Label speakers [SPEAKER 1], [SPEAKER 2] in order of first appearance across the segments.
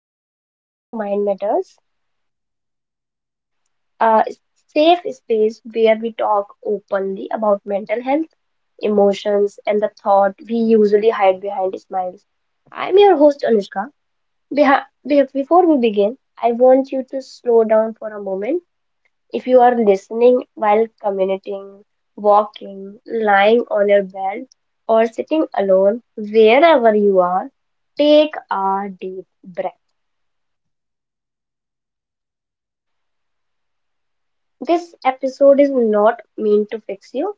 [SPEAKER 1] and welcome to Mind Matters, a safe space where we talk openly about mental health, emotions, and the thought we usually hide behind smiles. I'm your host, Anushka. Before we begin, I want you to slow down for a moment. If you are listening while commuting, walking, lying on your bed, or sitting alone, wherever you are, take a deep breath. This episode is not meant to fix you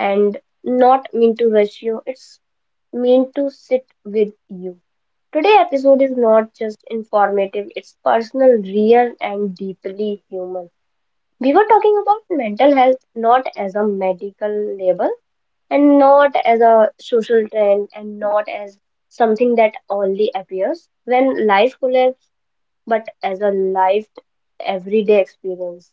[SPEAKER 1] and not meant to rush you. It's meant to sit with you. Today's episode is not just informative, it's personal, real and deeply human. We were talking about mental health not as a medical label and not as a social trend and not as something that only appears when life collapses but as a life everyday experience.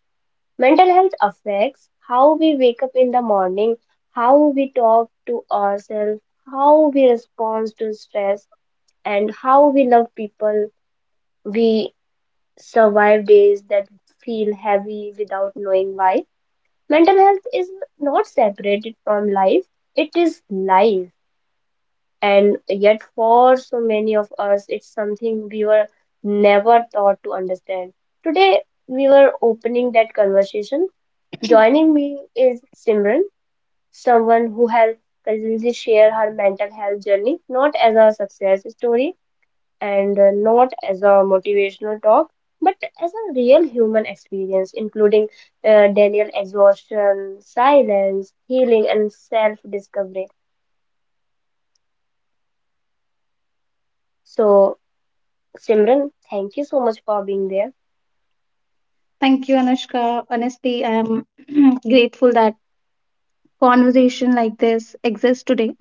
[SPEAKER 1] Mental health affects how we wake up in the morning, how we talk to ourselves, how we respond to stress, and how we love people. We survive days that feel heavy without knowing why. Mental health is not separated from life, it is life. And yet, for so many of us, it's something we were never taught to understand. Today, we were opening that conversation. Joining me is Simran, someone who has consistently shared her mental health journey, not as a success story and not as a motivational talk, but as a real human experience, including Daniel exhaustion, silence, healing, and self discovery. So, Simran, thank you so much for being there.
[SPEAKER 2] Thank you, Anushka. Honestly, I am grateful that conversation like this exists today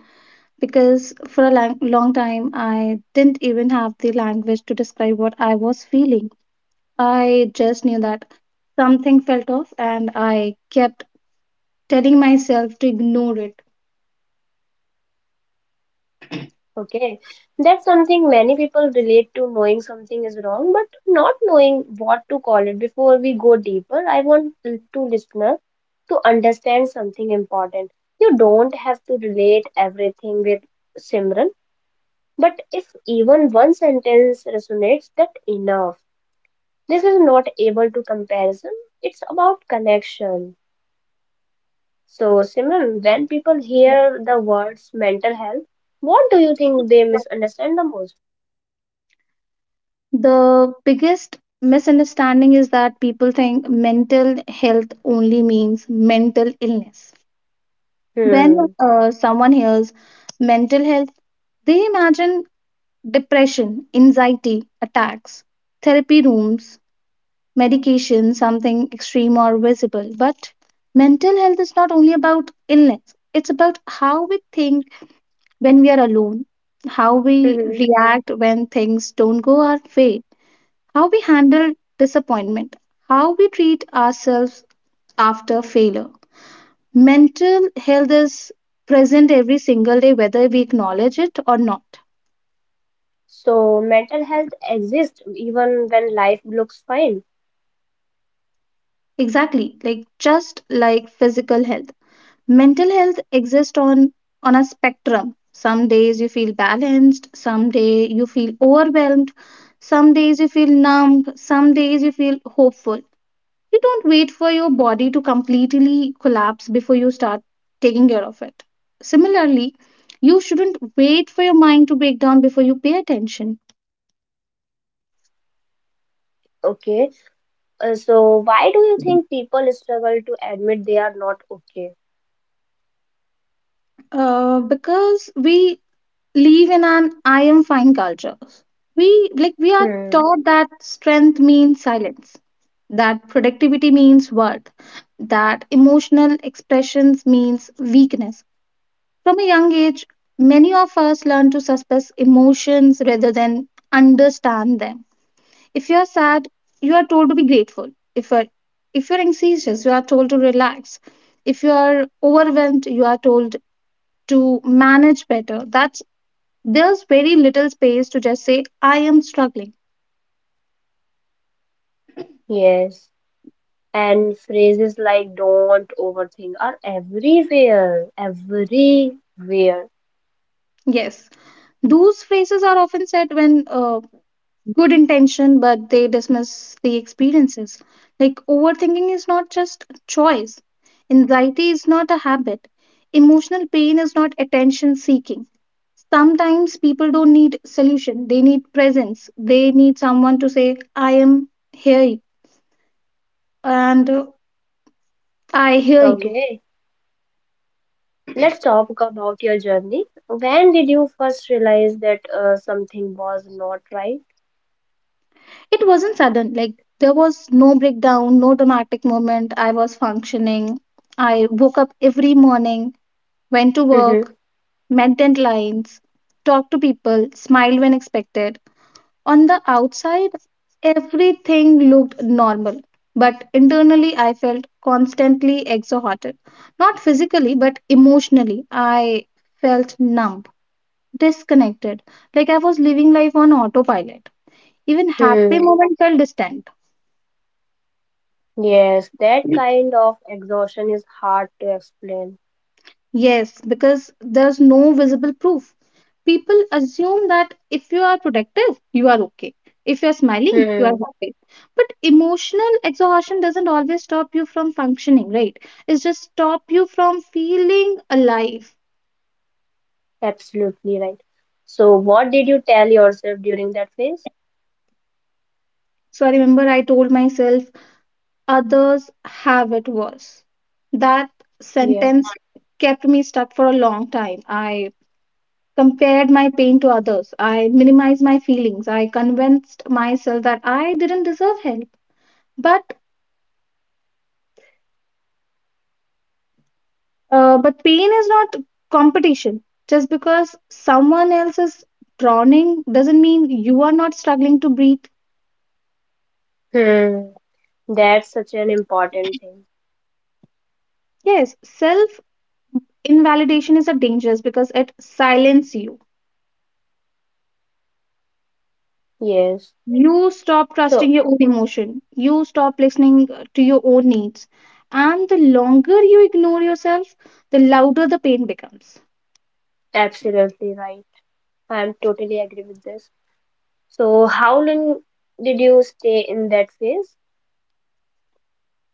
[SPEAKER 2] because for a long, long time I didn't even have the language to describe what I was feeling. I just knew that something felt off and I kept telling myself to ignore it.
[SPEAKER 1] Okay, that's something many people relate to, knowing something is wrong, but not knowing what to call it. Before we go deeper, I want to listener to understand something important. You don't have to relate everything with Simran, but if even one sentence resonates, that enough. This is not able to comparison. It's about connection. So Simran, when people hear the words mental health, what do you think they misunderstand the most?
[SPEAKER 2] The biggest misunderstanding is that people think mental health only means mental illness. When
[SPEAKER 1] Hmm.
[SPEAKER 2] someone hears mental health, they imagine depression, anxiety, attacks, therapy rooms, medication, something extreme or visible. But mental health is not only about illness, it's about how we think when we are alone, how we
[SPEAKER 1] Mm-hmm.
[SPEAKER 2] react when things don't go our way, how we handle disappointment, how we treat ourselves after failure. Mental health is present every single day, whether we acknowledge it or not.
[SPEAKER 1] So mental health exists even when life looks fine.
[SPEAKER 2] Exactly, like just like physical health. Mental health exists on a spectrum. Some days you feel balanced, some day you feel overwhelmed, some days you feel numb, some days you feel hopeful. You don't wait for your body to completely collapse before you start taking care of it. Similarly, you shouldn't wait for your mind to break down before you pay attention.
[SPEAKER 1] Okay. So why do you think people struggle to admit they are not okay?
[SPEAKER 2] Because we live in an I am fine culture. We like we are
[SPEAKER 1] Hmm.
[SPEAKER 2] taught that strength means silence, that productivity means worth, that emotional expressions means weakness. From a young age, many of us learn to suppress emotions rather than understand them. If you are sad, you are told to be grateful. If you are if you're anxious, you are told to relax. If you are overwhelmed, you are told to manage better. That's there's very little space to just say I am struggling.
[SPEAKER 1] Yes. And phrases like don't overthink are everywhere. Everywhere.
[SPEAKER 2] Yes, those phrases are often said when good intention, but they dismiss the experiences. Like overthinking is not just a choice. Anxiety is not a habit. Emotional pain is not attention seeking. Sometimes people don't need solution. They need presence. They need someone to say, "I am here and I hear you."
[SPEAKER 1] Okay. Let's talk about your journey. When did you first realize that something was not right?
[SPEAKER 2] It wasn't sudden, like there was no breakdown, no dramatic moment. I was functioning. I woke up every morning, went to work,
[SPEAKER 1] Mm-hmm.
[SPEAKER 2] met deadlines, talked to people, smiled when expected. On the outside, everything looked normal, but internally, I felt constantly exhausted. Not physically, but emotionally, I felt numb, disconnected, like I was living life on autopilot. Even happy
[SPEAKER 1] Hmm.
[SPEAKER 2] moments felt distant.
[SPEAKER 1] Yes, that kind of exhaustion is hard to explain.
[SPEAKER 2] Yes, because there's no visible proof. People assume that if you are protective, you are okay. If you're smiling, you are
[SPEAKER 1] Hmm,
[SPEAKER 2] happy. But emotional exhaustion doesn't always stop you from functioning, right? It's just stop you from feeling alive.
[SPEAKER 1] absolutely right. So, what did you tell yourself during that phase?
[SPEAKER 2] So I remember I told myself, others have it worse. That
[SPEAKER 1] Yeah.
[SPEAKER 2] sentence kept me stuck for a long time. I compared my pain to others. I minimized my feelings. I convinced myself that I didn't deserve help. But but pain is not competition. Just because someone else is drowning doesn't mean you are not struggling to breathe.
[SPEAKER 1] Hmm, that's such an important thing.
[SPEAKER 2] Yes, self invalidation is a dangerous because it silences you.
[SPEAKER 1] Yes.
[SPEAKER 2] You stop trusting
[SPEAKER 1] So,
[SPEAKER 2] your own emotion. You stop listening to your own needs. And the longer you ignore yourself, the louder the pain becomes.
[SPEAKER 1] absolutely right. I'm totally agree with this. So, how long did you stay in that phase?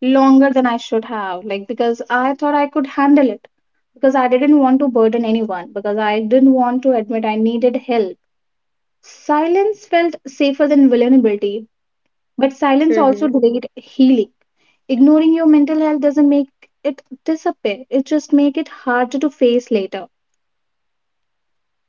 [SPEAKER 2] Longer than I should have, like because I thought I could handle it, because I didn't want to burden anyone, because I didn't want to admit I needed help. Silence felt safer than vulnerability, but silence also delayed healing. Ignoring your mental health doesn't make it disappear, it just makes it harder to face later.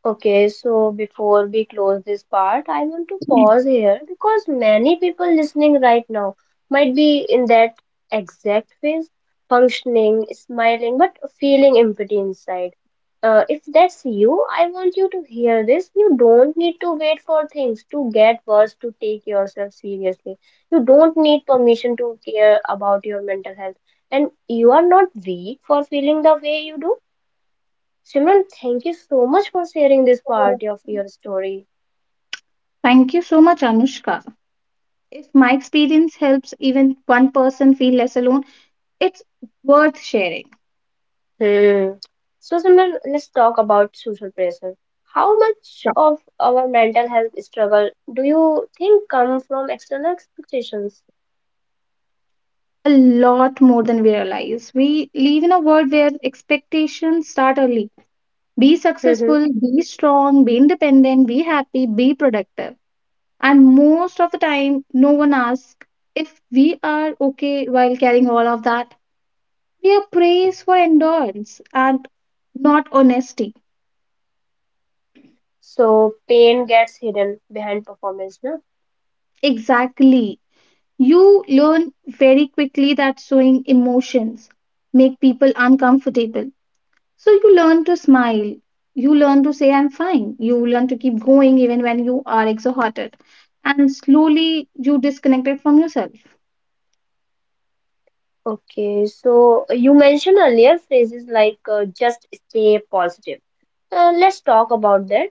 [SPEAKER 1] Okay, so before we close this part, I want to pause here because many people listening right now might be in that exact phase, functioning, smiling, but feeling empty inside. If that's you, I want you to hear this. You don't need to wait for things to get worse to take yourself seriously. You don't need permission to care about your mental health. And you are not weak for feeling the way you do. Simran, thank you so much for sharing this part of your story.
[SPEAKER 2] Thank you so much, Anushka. If my experience helps even one person feel less alone, it's worth sharing.
[SPEAKER 1] Hmm. So, Simran, let's talk about social pressure. How much of our mental health struggle do you think come from external expectations?
[SPEAKER 2] A lot more than we realize. We live in a world where expectations start early. Be
[SPEAKER 1] Mm-hmm.
[SPEAKER 2] successful, be strong, be independent, be happy, be productive. And most of the time, no one asks if we are okay while carrying all of that. We are praised for endurance and not honesty.
[SPEAKER 1] So, pain gets hidden behind performance, no?
[SPEAKER 2] Exactly. You learn very quickly that showing emotions make people uncomfortable. So you learn to smile. You learn to say, I'm fine. You learn to keep going even when you are exhausted. And slowly you disconnect it from yourself.
[SPEAKER 1] Okay, so you mentioned earlier phrases like just stay positive. Let's talk about that.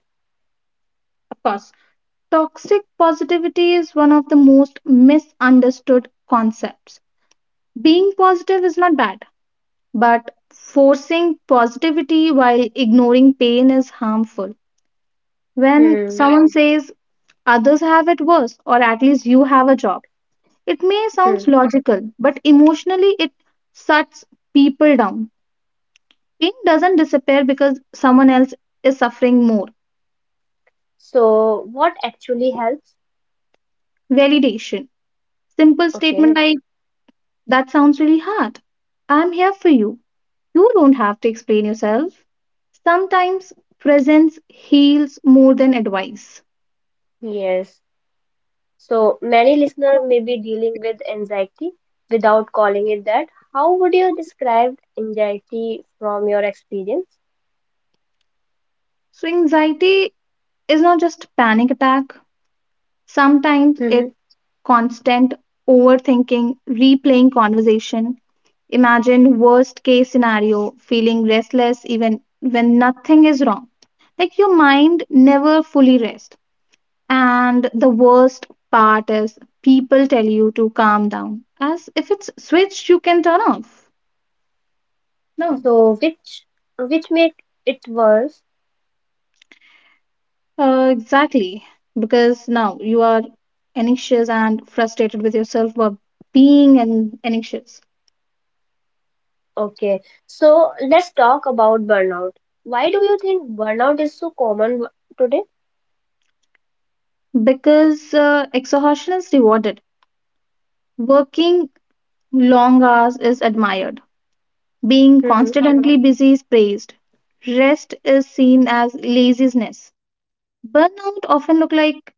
[SPEAKER 2] Of course, toxic positivity is one of the most misunderstood concepts. Being positive is not bad, but forcing positivity while ignoring pain is harmful. When
[SPEAKER 1] Hmm.
[SPEAKER 2] someone says others have it worse, or at least you have a job, it may
[SPEAKER 1] Hmm.
[SPEAKER 2] sound logical, but emotionally it shuts people down. Pain doesn't disappear because someone else is suffering more.
[SPEAKER 1] So, what actually helps?
[SPEAKER 2] Validation. Simple statement
[SPEAKER 1] Okay.
[SPEAKER 2] like, that sounds really hard. I'm here for you. You don't have to explain yourself. Sometimes presence heals more than advice.
[SPEAKER 1] Yes. So many listeners may be dealing with anxiety without calling it that. How would you describe anxiety from your experience?
[SPEAKER 2] So, anxiety is not just panic attack. Sometimes it
[SPEAKER 1] Hmm.
[SPEAKER 2] constant overthinking, replaying conversation. Imagine worst case scenario, feeling restless even when nothing is wrong. Like your mind never fully rests. And the worst part is people tell you to calm down as if it's switched you can turn off. No,
[SPEAKER 1] So which make it worse?
[SPEAKER 2] exactly. Because now you are anxious and frustrated with yourself for being an anxious.
[SPEAKER 1] Okay. So let's talk about burnout. Why do you think burnout is so common today?
[SPEAKER 2] Because exhaustion is rewarded. Working long hours is admired. Being
[SPEAKER 1] Hmm.
[SPEAKER 2] constantly busy is praised. Rest is seen as laziness. Burnout often look like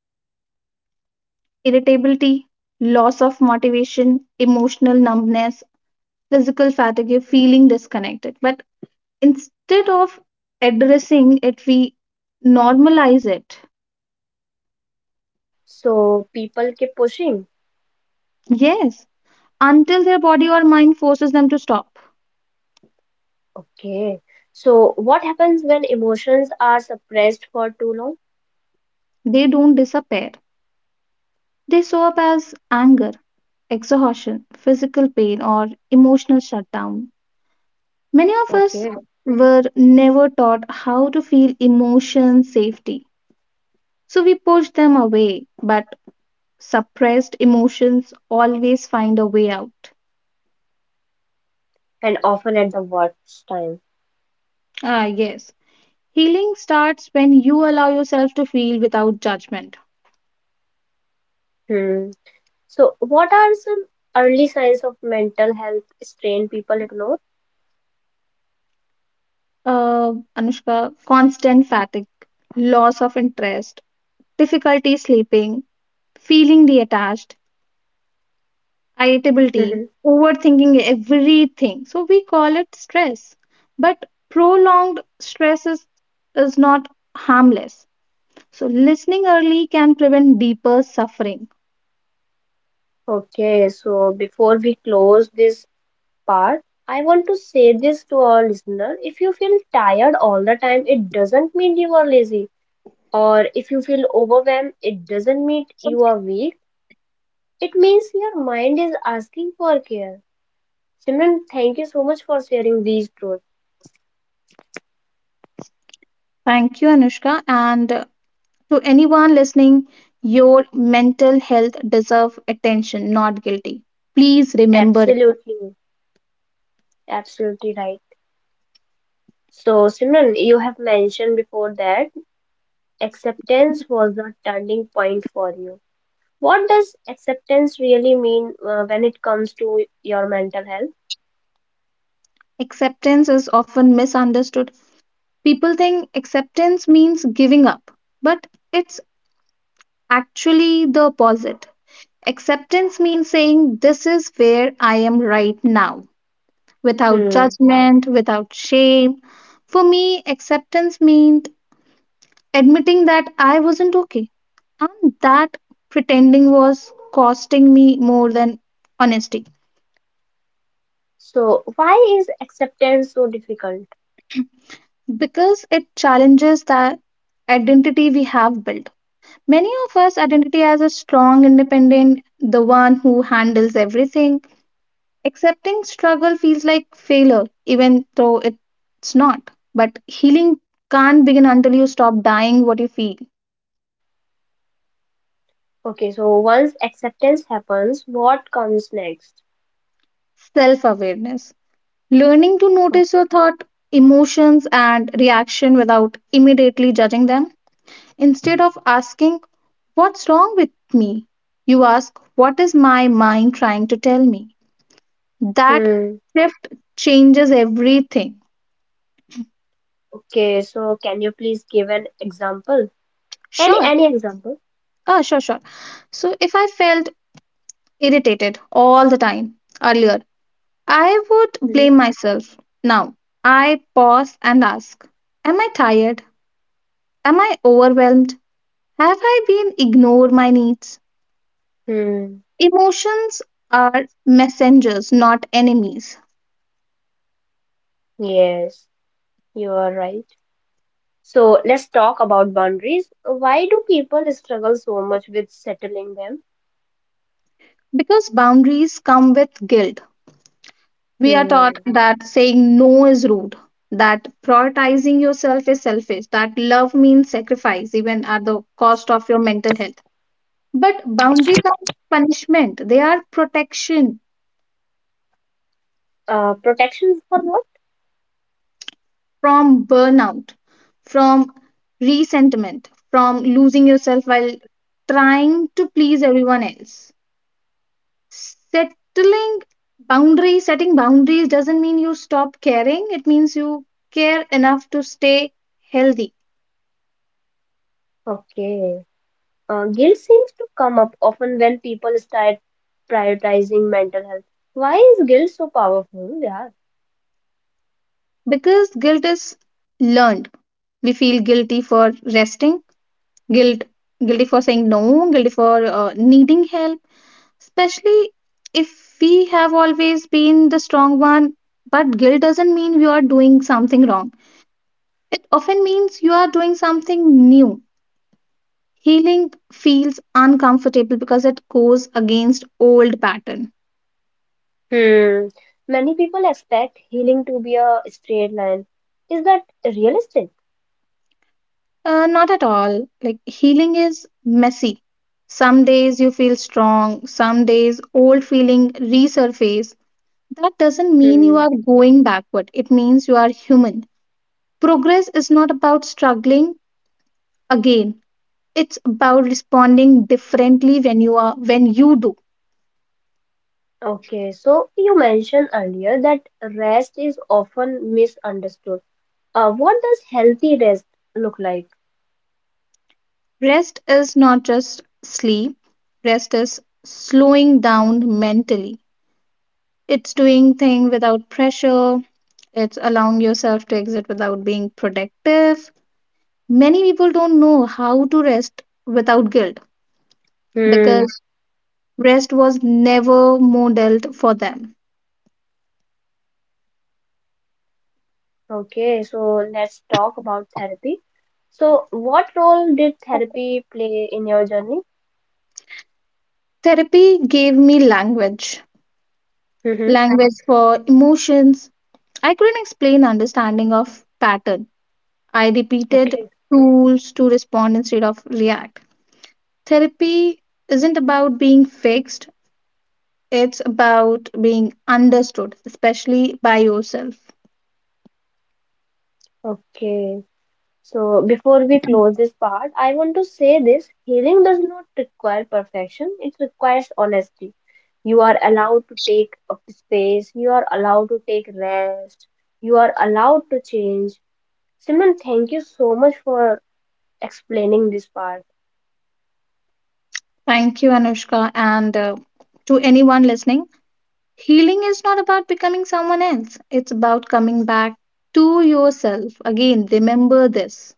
[SPEAKER 2] irritability, loss of motivation, emotional numbness, physical fatigue, feeling disconnected. But instead of addressing it, we normalize it.
[SPEAKER 1] So people keep pushing.
[SPEAKER 2] Yes, until their body or mind forces them to stop.
[SPEAKER 1] Okay. So what happens when emotions are suppressed for too long?
[SPEAKER 2] They don't disappear. They show up as anger, exhaustion, physical pain, or emotional shutdown. Many of us
[SPEAKER 1] Okay.
[SPEAKER 2] were never taught how to feel emotion safety, so we pushed them away, but suppressed emotions always find a way out.
[SPEAKER 1] And often at the worst time.
[SPEAKER 2] Ah, yes. Healing starts when you allow yourself to feel without judgment.
[SPEAKER 1] Hmm. So, what are some early signs of mental health strain people ignore?
[SPEAKER 2] Anushka, constant fatigue, loss of interest, difficulty sleeping, feeling detached, irritability,
[SPEAKER 1] Mhm.
[SPEAKER 2] overthinking everything. So we call it stress. But prolonged stress is, not harmless. So listening early can prevent deeper suffering.
[SPEAKER 1] Okay, so before we close this part, I want to say this to our listener. If you feel tired all the time, it doesn't mean you are lazy. Or if you feel overwhelmed, it doesn't mean you are weak. It means your mind is asking for care. Simran, thank you so much for sharing these truths.
[SPEAKER 2] Thank you, Anushka. And to anyone listening, your mental health deserves attention, not guilty. Please remember it.
[SPEAKER 1] Absolutely, absolutely right. So, Simran, you have mentioned before that acceptance was the turning point for you. What does acceptance really mean when it comes to your mental health?
[SPEAKER 2] Acceptance is often misunderstood. People think acceptance means giving up, but it's actually the opposite. Acceptance means saying, This is where I am right now, without
[SPEAKER 1] Hmm.
[SPEAKER 2] judgment, without shame. For me, acceptance meant admitting that I wasn't okay and that pretending was costing me more than honesty.
[SPEAKER 1] So, why is acceptance so difficult?
[SPEAKER 2] Because it challenges the identity we have built. Many of us identity as a strong, independent, the one who handles everything. Accepting struggle feels like failure, even though it's not. But healing can't begin until you stop dying what you feel.
[SPEAKER 1] Okay, so once acceptance happens, what comes next?
[SPEAKER 2] Self awareness. Learning to notice
[SPEAKER 1] Okay.
[SPEAKER 2] your thought, emotions, and reaction without immediately judging them. Instead of asking, What's wrong with me? You ask, What is my mind trying to tell me? That
[SPEAKER 1] Hmm.
[SPEAKER 2] shift changes everything.
[SPEAKER 1] Okay, so can you please give an example? Any
[SPEAKER 2] Sure.
[SPEAKER 1] any example?
[SPEAKER 2] Ah, sure. So if I felt irritated all the time. Earlier, I would
[SPEAKER 1] Hmm.
[SPEAKER 2] blame myself. Now, I pause and ask, Am I tired? Am I overwhelmed? Have I been ignored my needs?
[SPEAKER 1] Hmm.
[SPEAKER 2] Emotions are messengers, not enemies.
[SPEAKER 1] Yes, you are right. So let's talk about boundaries. Why do people struggle so much with settling them?
[SPEAKER 2] Because boundaries come with guilt. We are taught
[SPEAKER 1] Hmm.
[SPEAKER 2] that saying no is rude, that prioritizing yourself is selfish, that love means sacrifice, even at the cost of your mental health. But boundaries are punishment, they are protection
[SPEAKER 1] Protection for what?
[SPEAKER 2] from burnout, from resentment, from losing yourself while trying to please everyone else. Settling setting boundaries doesn't mean you stop caring, it means you care enough to stay healthy.
[SPEAKER 1] Okay. Guilt seems to come up often when people start prioritizing mental health. Why is guilt so powerful? Yeah.
[SPEAKER 2] Because guilt is learned. We feel guilty for resting, guilt guilty for saying no, guilty for needing help, especially if we have always been the strong one. But guilt doesn't mean you are doing something wrong, it often means you are doing something new. Healing feels uncomfortable because it goes against old pattern.
[SPEAKER 1] Hmm. Many people expect healing to be a straight line. Is that realistic?
[SPEAKER 2] Not at all. Like healing is messy. Some days you feel strong, some days old feeling resurface. That doesn't mean you are
[SPEAKER 1] Hmm.
[SPEAKER 2] going backward. It means you are human. Progress is not about struggling again. It's about responding differently when you are when you do.
[SPEAKER 1] Okay. So you mentioned earlier that rest is often misunderstood. What does healthy rest look like?
[SPEAKER 2] Rest is not just sleep. Rest is slowing down mentally. It's doing things without pressure. It's allowing yourself to exit without being productive. Many people don't know how to rest without guilt,
[SPEAKER 1] Hmm.
[SPEAKER 2] because rest was never modeled for them.
[SPEAKER 1] Okay, so let's talk about therapy. So, what role did therapy play in your journey?
[SPEAKER 2] Therapy gave me language,
[SPEAKER 1] Hmm.
[SPEAKER 2] language for emotions I couldn't explain, understanding of pattern I repeated,
[SPEAKER 1] Okay,
[SPEAKER 2] tools to respond instead of react. Therapy isn't about being fixed, it's about being understood, especially by yourself.
[SPEAKER 1] okay. So, before we close this part, I want to say this, healing does not require perfection, it requires honesty. You are allowed to take up space, you are allowed to take rest, you are allowed to change. Simon, thank you so much for explaining this part.
[SPEAKER 2] Thank you, Anushka. And to anyone listening, healing is not about becoming someone else, it's about coming back to yourself. Again, remember this.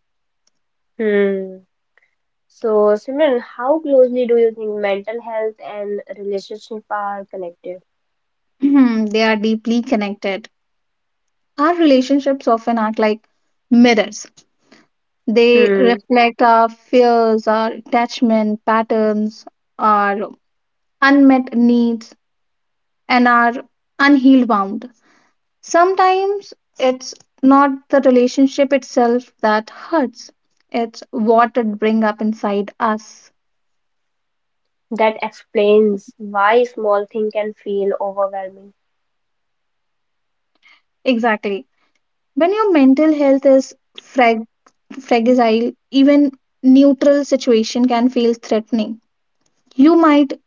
[SPEAKER 1] So, Simran, how closely do you think mental health and relationship are connected?
[SPEAKER 2] They are deeply connected. Our relationships often act like mirrors. They
[SPEAKER 1] Hmm,
[SPEAKER 2] reflect our fears, our attachment patterns, our unmet needs, and our unhealed wound. Sometimes it's not the relationship itself that hurts, it's what it brings up inside us.
[SPEAKER 1] that explains why small thing can feel overwhelming.
[SPEAKER 2] Exactly. When your mental health is fragile, even neutral situation can feel threatening. You might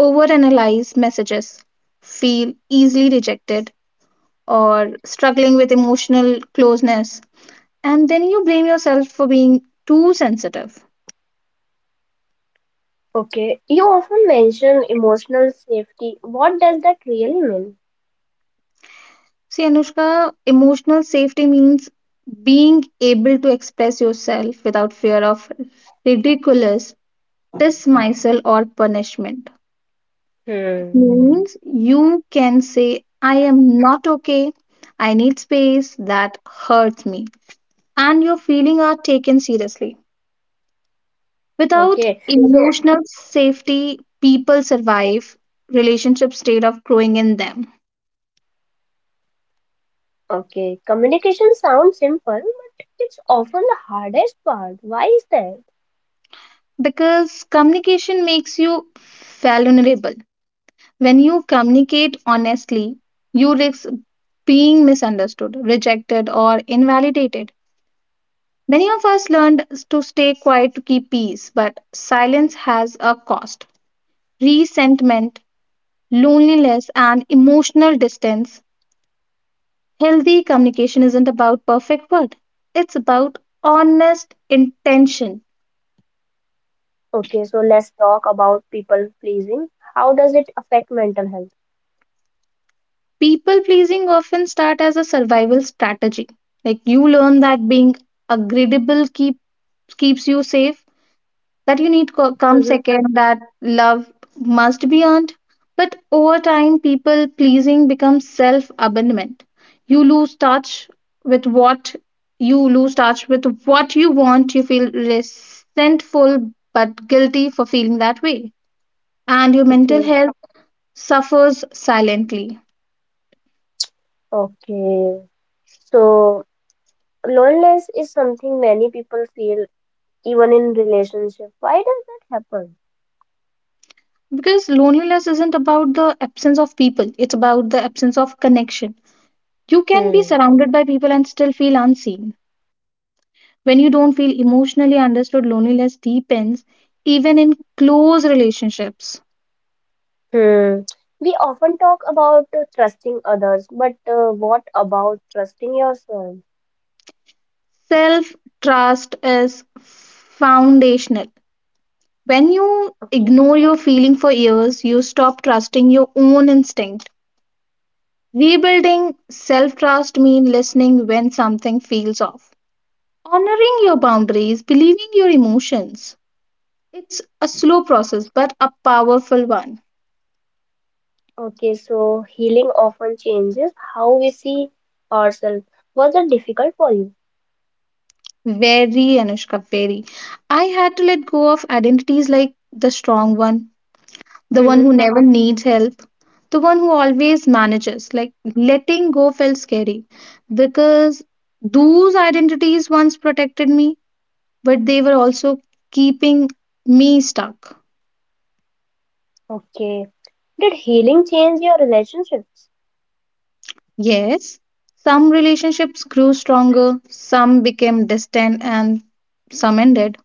[SPEAKER 2] overanalyze messages, feel easily rejected or struggling with emotional closeness. And then you blame yourself for being too sensitive.
[SPEAKER 1] Okay, you often mention emotional safety. What does that really mean?
[SPEAKER 2] See, Anushka, emotional safety means being able to express yourself without fear of ridiculous dismissal or punishment. It
[SPEAKER 1] Hmm.
[SPEAKER 2] means you can say, I am not okay, I need space, that hurts me. And your feelings are taken seriously. Without
[SPEAKER 1] Okay, so
[SPEAKER 2] emotional safety, people survive, relationships stay of growing in them.
[SPEAKER 1] okay, communication sounds simple, but it's often the hardest part. Why is that?
[SPEAKER 2] Because communication makes you vulnerable. When you communicate honestly, you risk being misunderstood, rejected, or invalidated. Many of us learned to stay quiet to keep peace, but silence has a cost. Resentment, loneliness, and emotional distance. Healthy communication isn't about perfect word. It's about honest intention.
[SPEAKER 1] Okay, so let's talk about people pleasing. How does it affect mental health?
[SPEAKER 2] People pleasing often start as a survival strategy. Like you learn that being agreeable keeps you safe, that you need come
[SPEAKER 1] Mm-hmm.
[SPEAKER 2] second, that love must be earned. But over time, people pleasing becomes self abandonment. You lose touch with what you lose touch with what you want. You feel resentful but guilty for feeling that way. And your mental
[SPEAKER 1] Okay.
[SPEAKER 2] health suffers silently.
[SPEAKER 1] Okay. So loneliness is something many people feel even in relationship. Why does that happen?
[SPEAKER 2] Because loneliness isn't about the absence of people, it's about the absence of connection. You can be
[SPEAKER 1] Hmm.
[SPEAKER 2] surrounded by people and still feel unseen. When you don't feel emotionally understood, loneliness deepens even in close relationships.
[SPEAKER 1] Hmm. We often talk about trusting others, but what about trusting yourself?
[SPEAKER 2] Self trust is foundational. When you
[SPEAKER 1] Okay.
[SPEAKER 2] ignore your feeling for years, you stop trusting your own instinct. Rebuilding self trust means listening when something feels off, honoring your boundaries, believing your emotions. It's a slow process, but a powerful one.
[SPEAKER 1] Okay, so healing often changes how we see ourselves. Was it difficult for you?
[SPEAKER 2] Very Anushka, very. I had to let go of identities like the strong one, the one
[SPEAKER 1] Mm-hmm.
[SPEAKER 2] who never needs help, the one who always manages. Like letting go felt scary because those identities once protected me, but they were also keeping me stuck.
[SPEAKER 1] Okay. Did healing change your relationships?
[SPEAKER 2] Yes, some relationships grew stronger, some became distant, and some ended.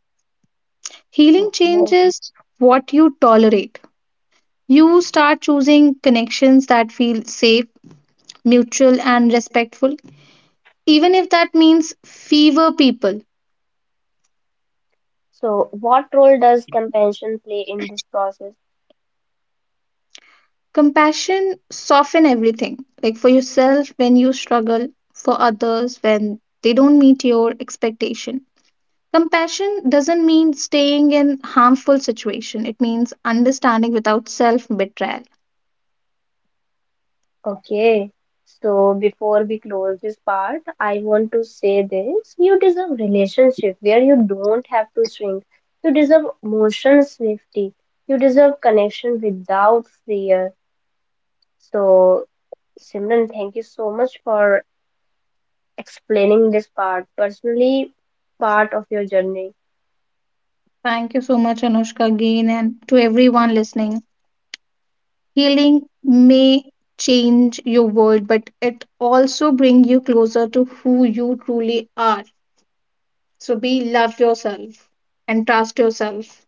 [SPEAKER 2] Healing
[SPEAKER 1] Oh.
[SPEAKER 2] changes what you tolerate. You start choosing connections that feel safe, mutual, and respectful, even if that means fewer people.
[SPEAKER 1] So, what role does compassion play in this process?
[SPEAKER 2] Compassion soften everything, like for yourself when you struggle, for others when they don't meet your expectation. Compassion doesn't mean staying in harmful situation. It means understanding without self betrayal.
[SPEAKER 1] Okay, so before we close this part, I want to say this. You deserve relationship where you don't have to shrink. You deserve emotional safety. You deserve connection without fear. So, Simran, thank you so much for explaining this part, personally part of your journey.
[SPEAKER 2] Thank you so much, Anushka, again, and to everyone listening. Healing may change your world, but it also bring you closer to who you truly are. So be love yourself and trust yourself.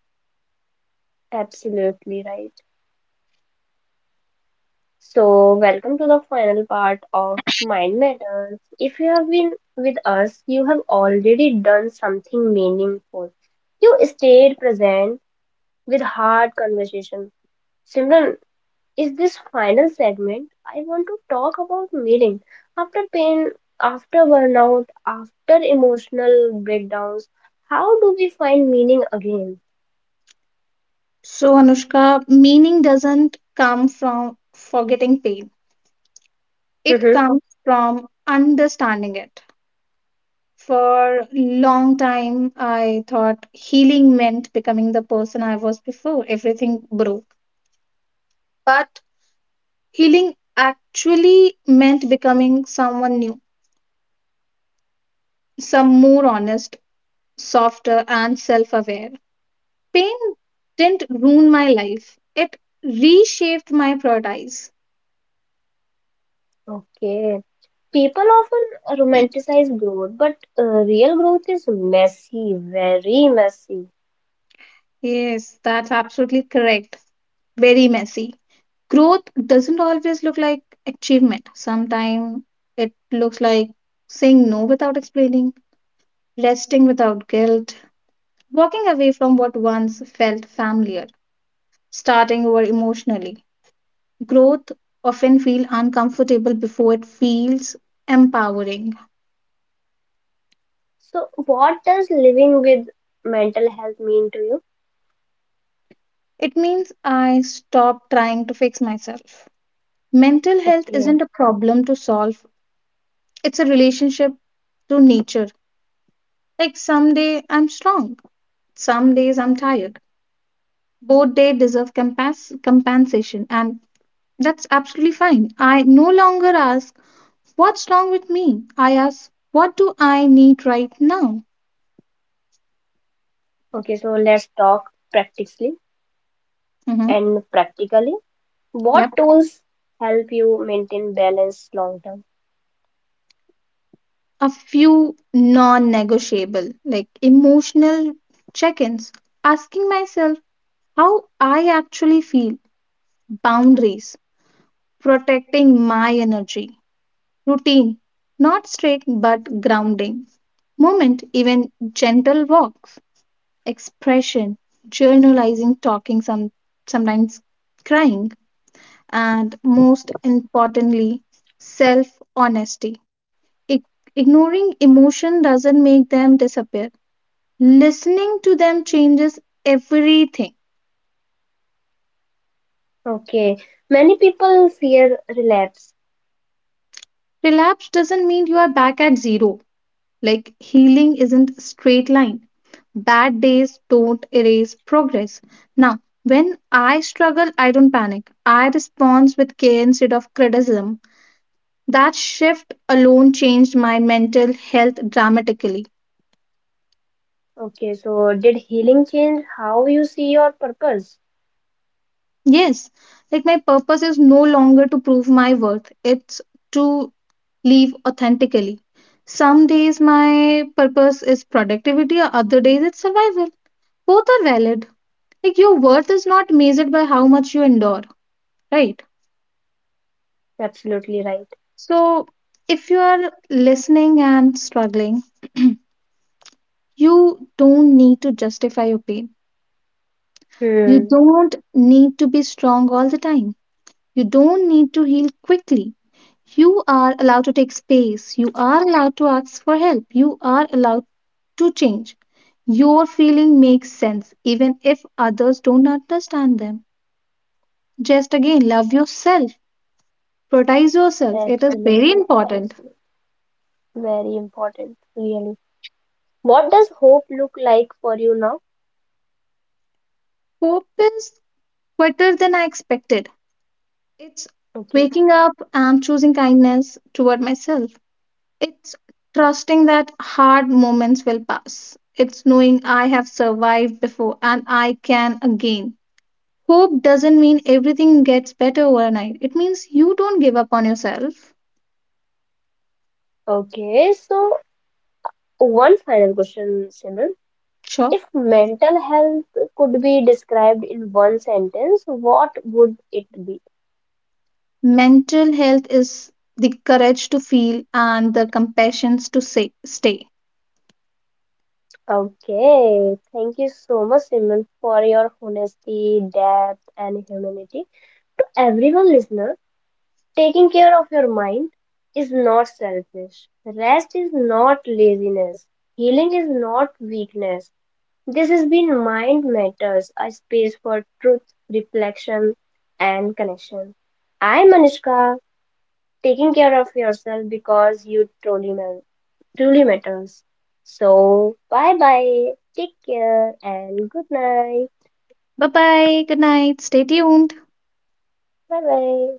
[SPEAKER 1] Absolutely right. So, welcome to the final part of Mind Matters. If you have been with us, you have already done something meaningful. You stayed present with hard conversation. Simran, is this final segment? I want to talk about meeting after pain, after burnout, after emotional breakdowns. How do we find meaning again?
[SPEAKER 2] So Anushka, meaning doesn't come from forgetting pain. It comes from understanding it. For long time, I thought healing meant becoming the person I was before everything broke. But healing actually meant becoming someone new, some more honest, softer, and self aware. Pain didn't ruin my life, it reshaped my priorities.
[SPEAKER 1] Okay. People often romanticize growth, but real growth is messy, very messy.
[SPEAKER 2] Yes, that's absolutely correct. Very messy. Growth doesn't always look like achievement, sometimes it looks like saying no without explaining, resting without guilt, walking away from what once felt familiar, starting over emotionally. Growth often feels uncomfortable before it feels empowering.
[SPEAKER 1] So, what does living with mental health mean to you?
[SPEAKER 2] It means I stop trying to fix myself. Mental health
[SPEAKER 1] Okay,
[SPEAKER 2] isn't a problem to solve, it's a relationship to nature. Like someday I'm strong, some days I'm tired. Both days deserve compensation, and that's absolutely fine. I no longer ask, what's wrong with me? I ask, what do I need right now?
[SPEAKER 1] okay, so let's talk practically
[SPEAKER 2] Mhm.
[SPEAKER 1] and practically. What
[SPEAKER 2] Yep.
[SPEAKER 1] tools help you maintain balance long term?
[SPEAKER 2] A few non negotiable, like emotional check ins, asking myself, how I actually feel, boundaries, protecting my energy, routine, not strict but grounding, moment, even gentle walks, expression, journalizing, talking, sometimes crying, and most importantly, self honesty. Ignoring emotion doesn't make them disappear. Listening to them changes everything.
[SPEAKER 1] Okay, many people fear relapse.
[SPEAKER 2] Relapse doesn't mean you are back at zero. Like healing isn't a straight line. Bad days don't erase progress. Now, when I struggle, I don't panic. I respond with care instead of criticism. That shift alone changed my mental health dramatically.
[SPEAKER 1] Okay, so did healing change how you see your purpose?
[SPEAKER 2] Yes, like my purpose is no longer to prove my worth, it's to live authentically. Some days my purpose is productivity, or other days it's survival. Both are valid. Like your worth is not measured by how much you endure, right?
[SPEAKER 1] Absolutely right.
[SPEAKER 2] So if you are listening and struggling, you don't need to justify your pain, you
[SPEAKER 1] Hmm,
[SPEAKER 2] don't need to be strong all the time, you don't need to heal quickly. You are allowed to take space, you are allowed to ask for help, you are allowed to change. Your feeling makes sense even if others don't understand them. Just again, love yourself. Prioritize yourself. It is very
[SPEAKER 1] absolutely,
[SPEAKER 2] important.
[SPEAKER 1] absolutely. Very important, really. What does hope look like for you now?
[SPEAKER 2] Hope is better than I expected. It's
[SPEAKER 1] Okay.
[SPEAKER 2] waking up and choosing kindness toward myself. It's trusting that hard moments will pass. It's knowing I have survived before and I can again. Hope doesn't mean everything gets better overnight. It means you don't give up on yourself.
[SPEAKER 1] Okay, so one final question, Simran.
[SPEAKER 2] Sure.
[SPEAKER 1] If mental health could be described in one sentence, what would it be?
[SPEAKER 2] Mental health is the courage to feel and the compassion to say, stay.
[SPEAKER 1] Okay, thank you so much, Simran, for your honesty, depth, and humanity. To everyone listener, taking care of your mind is not selfish. Rest is not laziness. Healing is not weakness. This has been Mind Matters, a space for truth, reflection, and connection. I'm Anushka, taking care of yourself because you truly, truly matters. So, bye bye, take care, and good night.
[SPEAKER 2] Bye bye. Good night. Stay tuned.
[SPEAKER 1] Bye bye.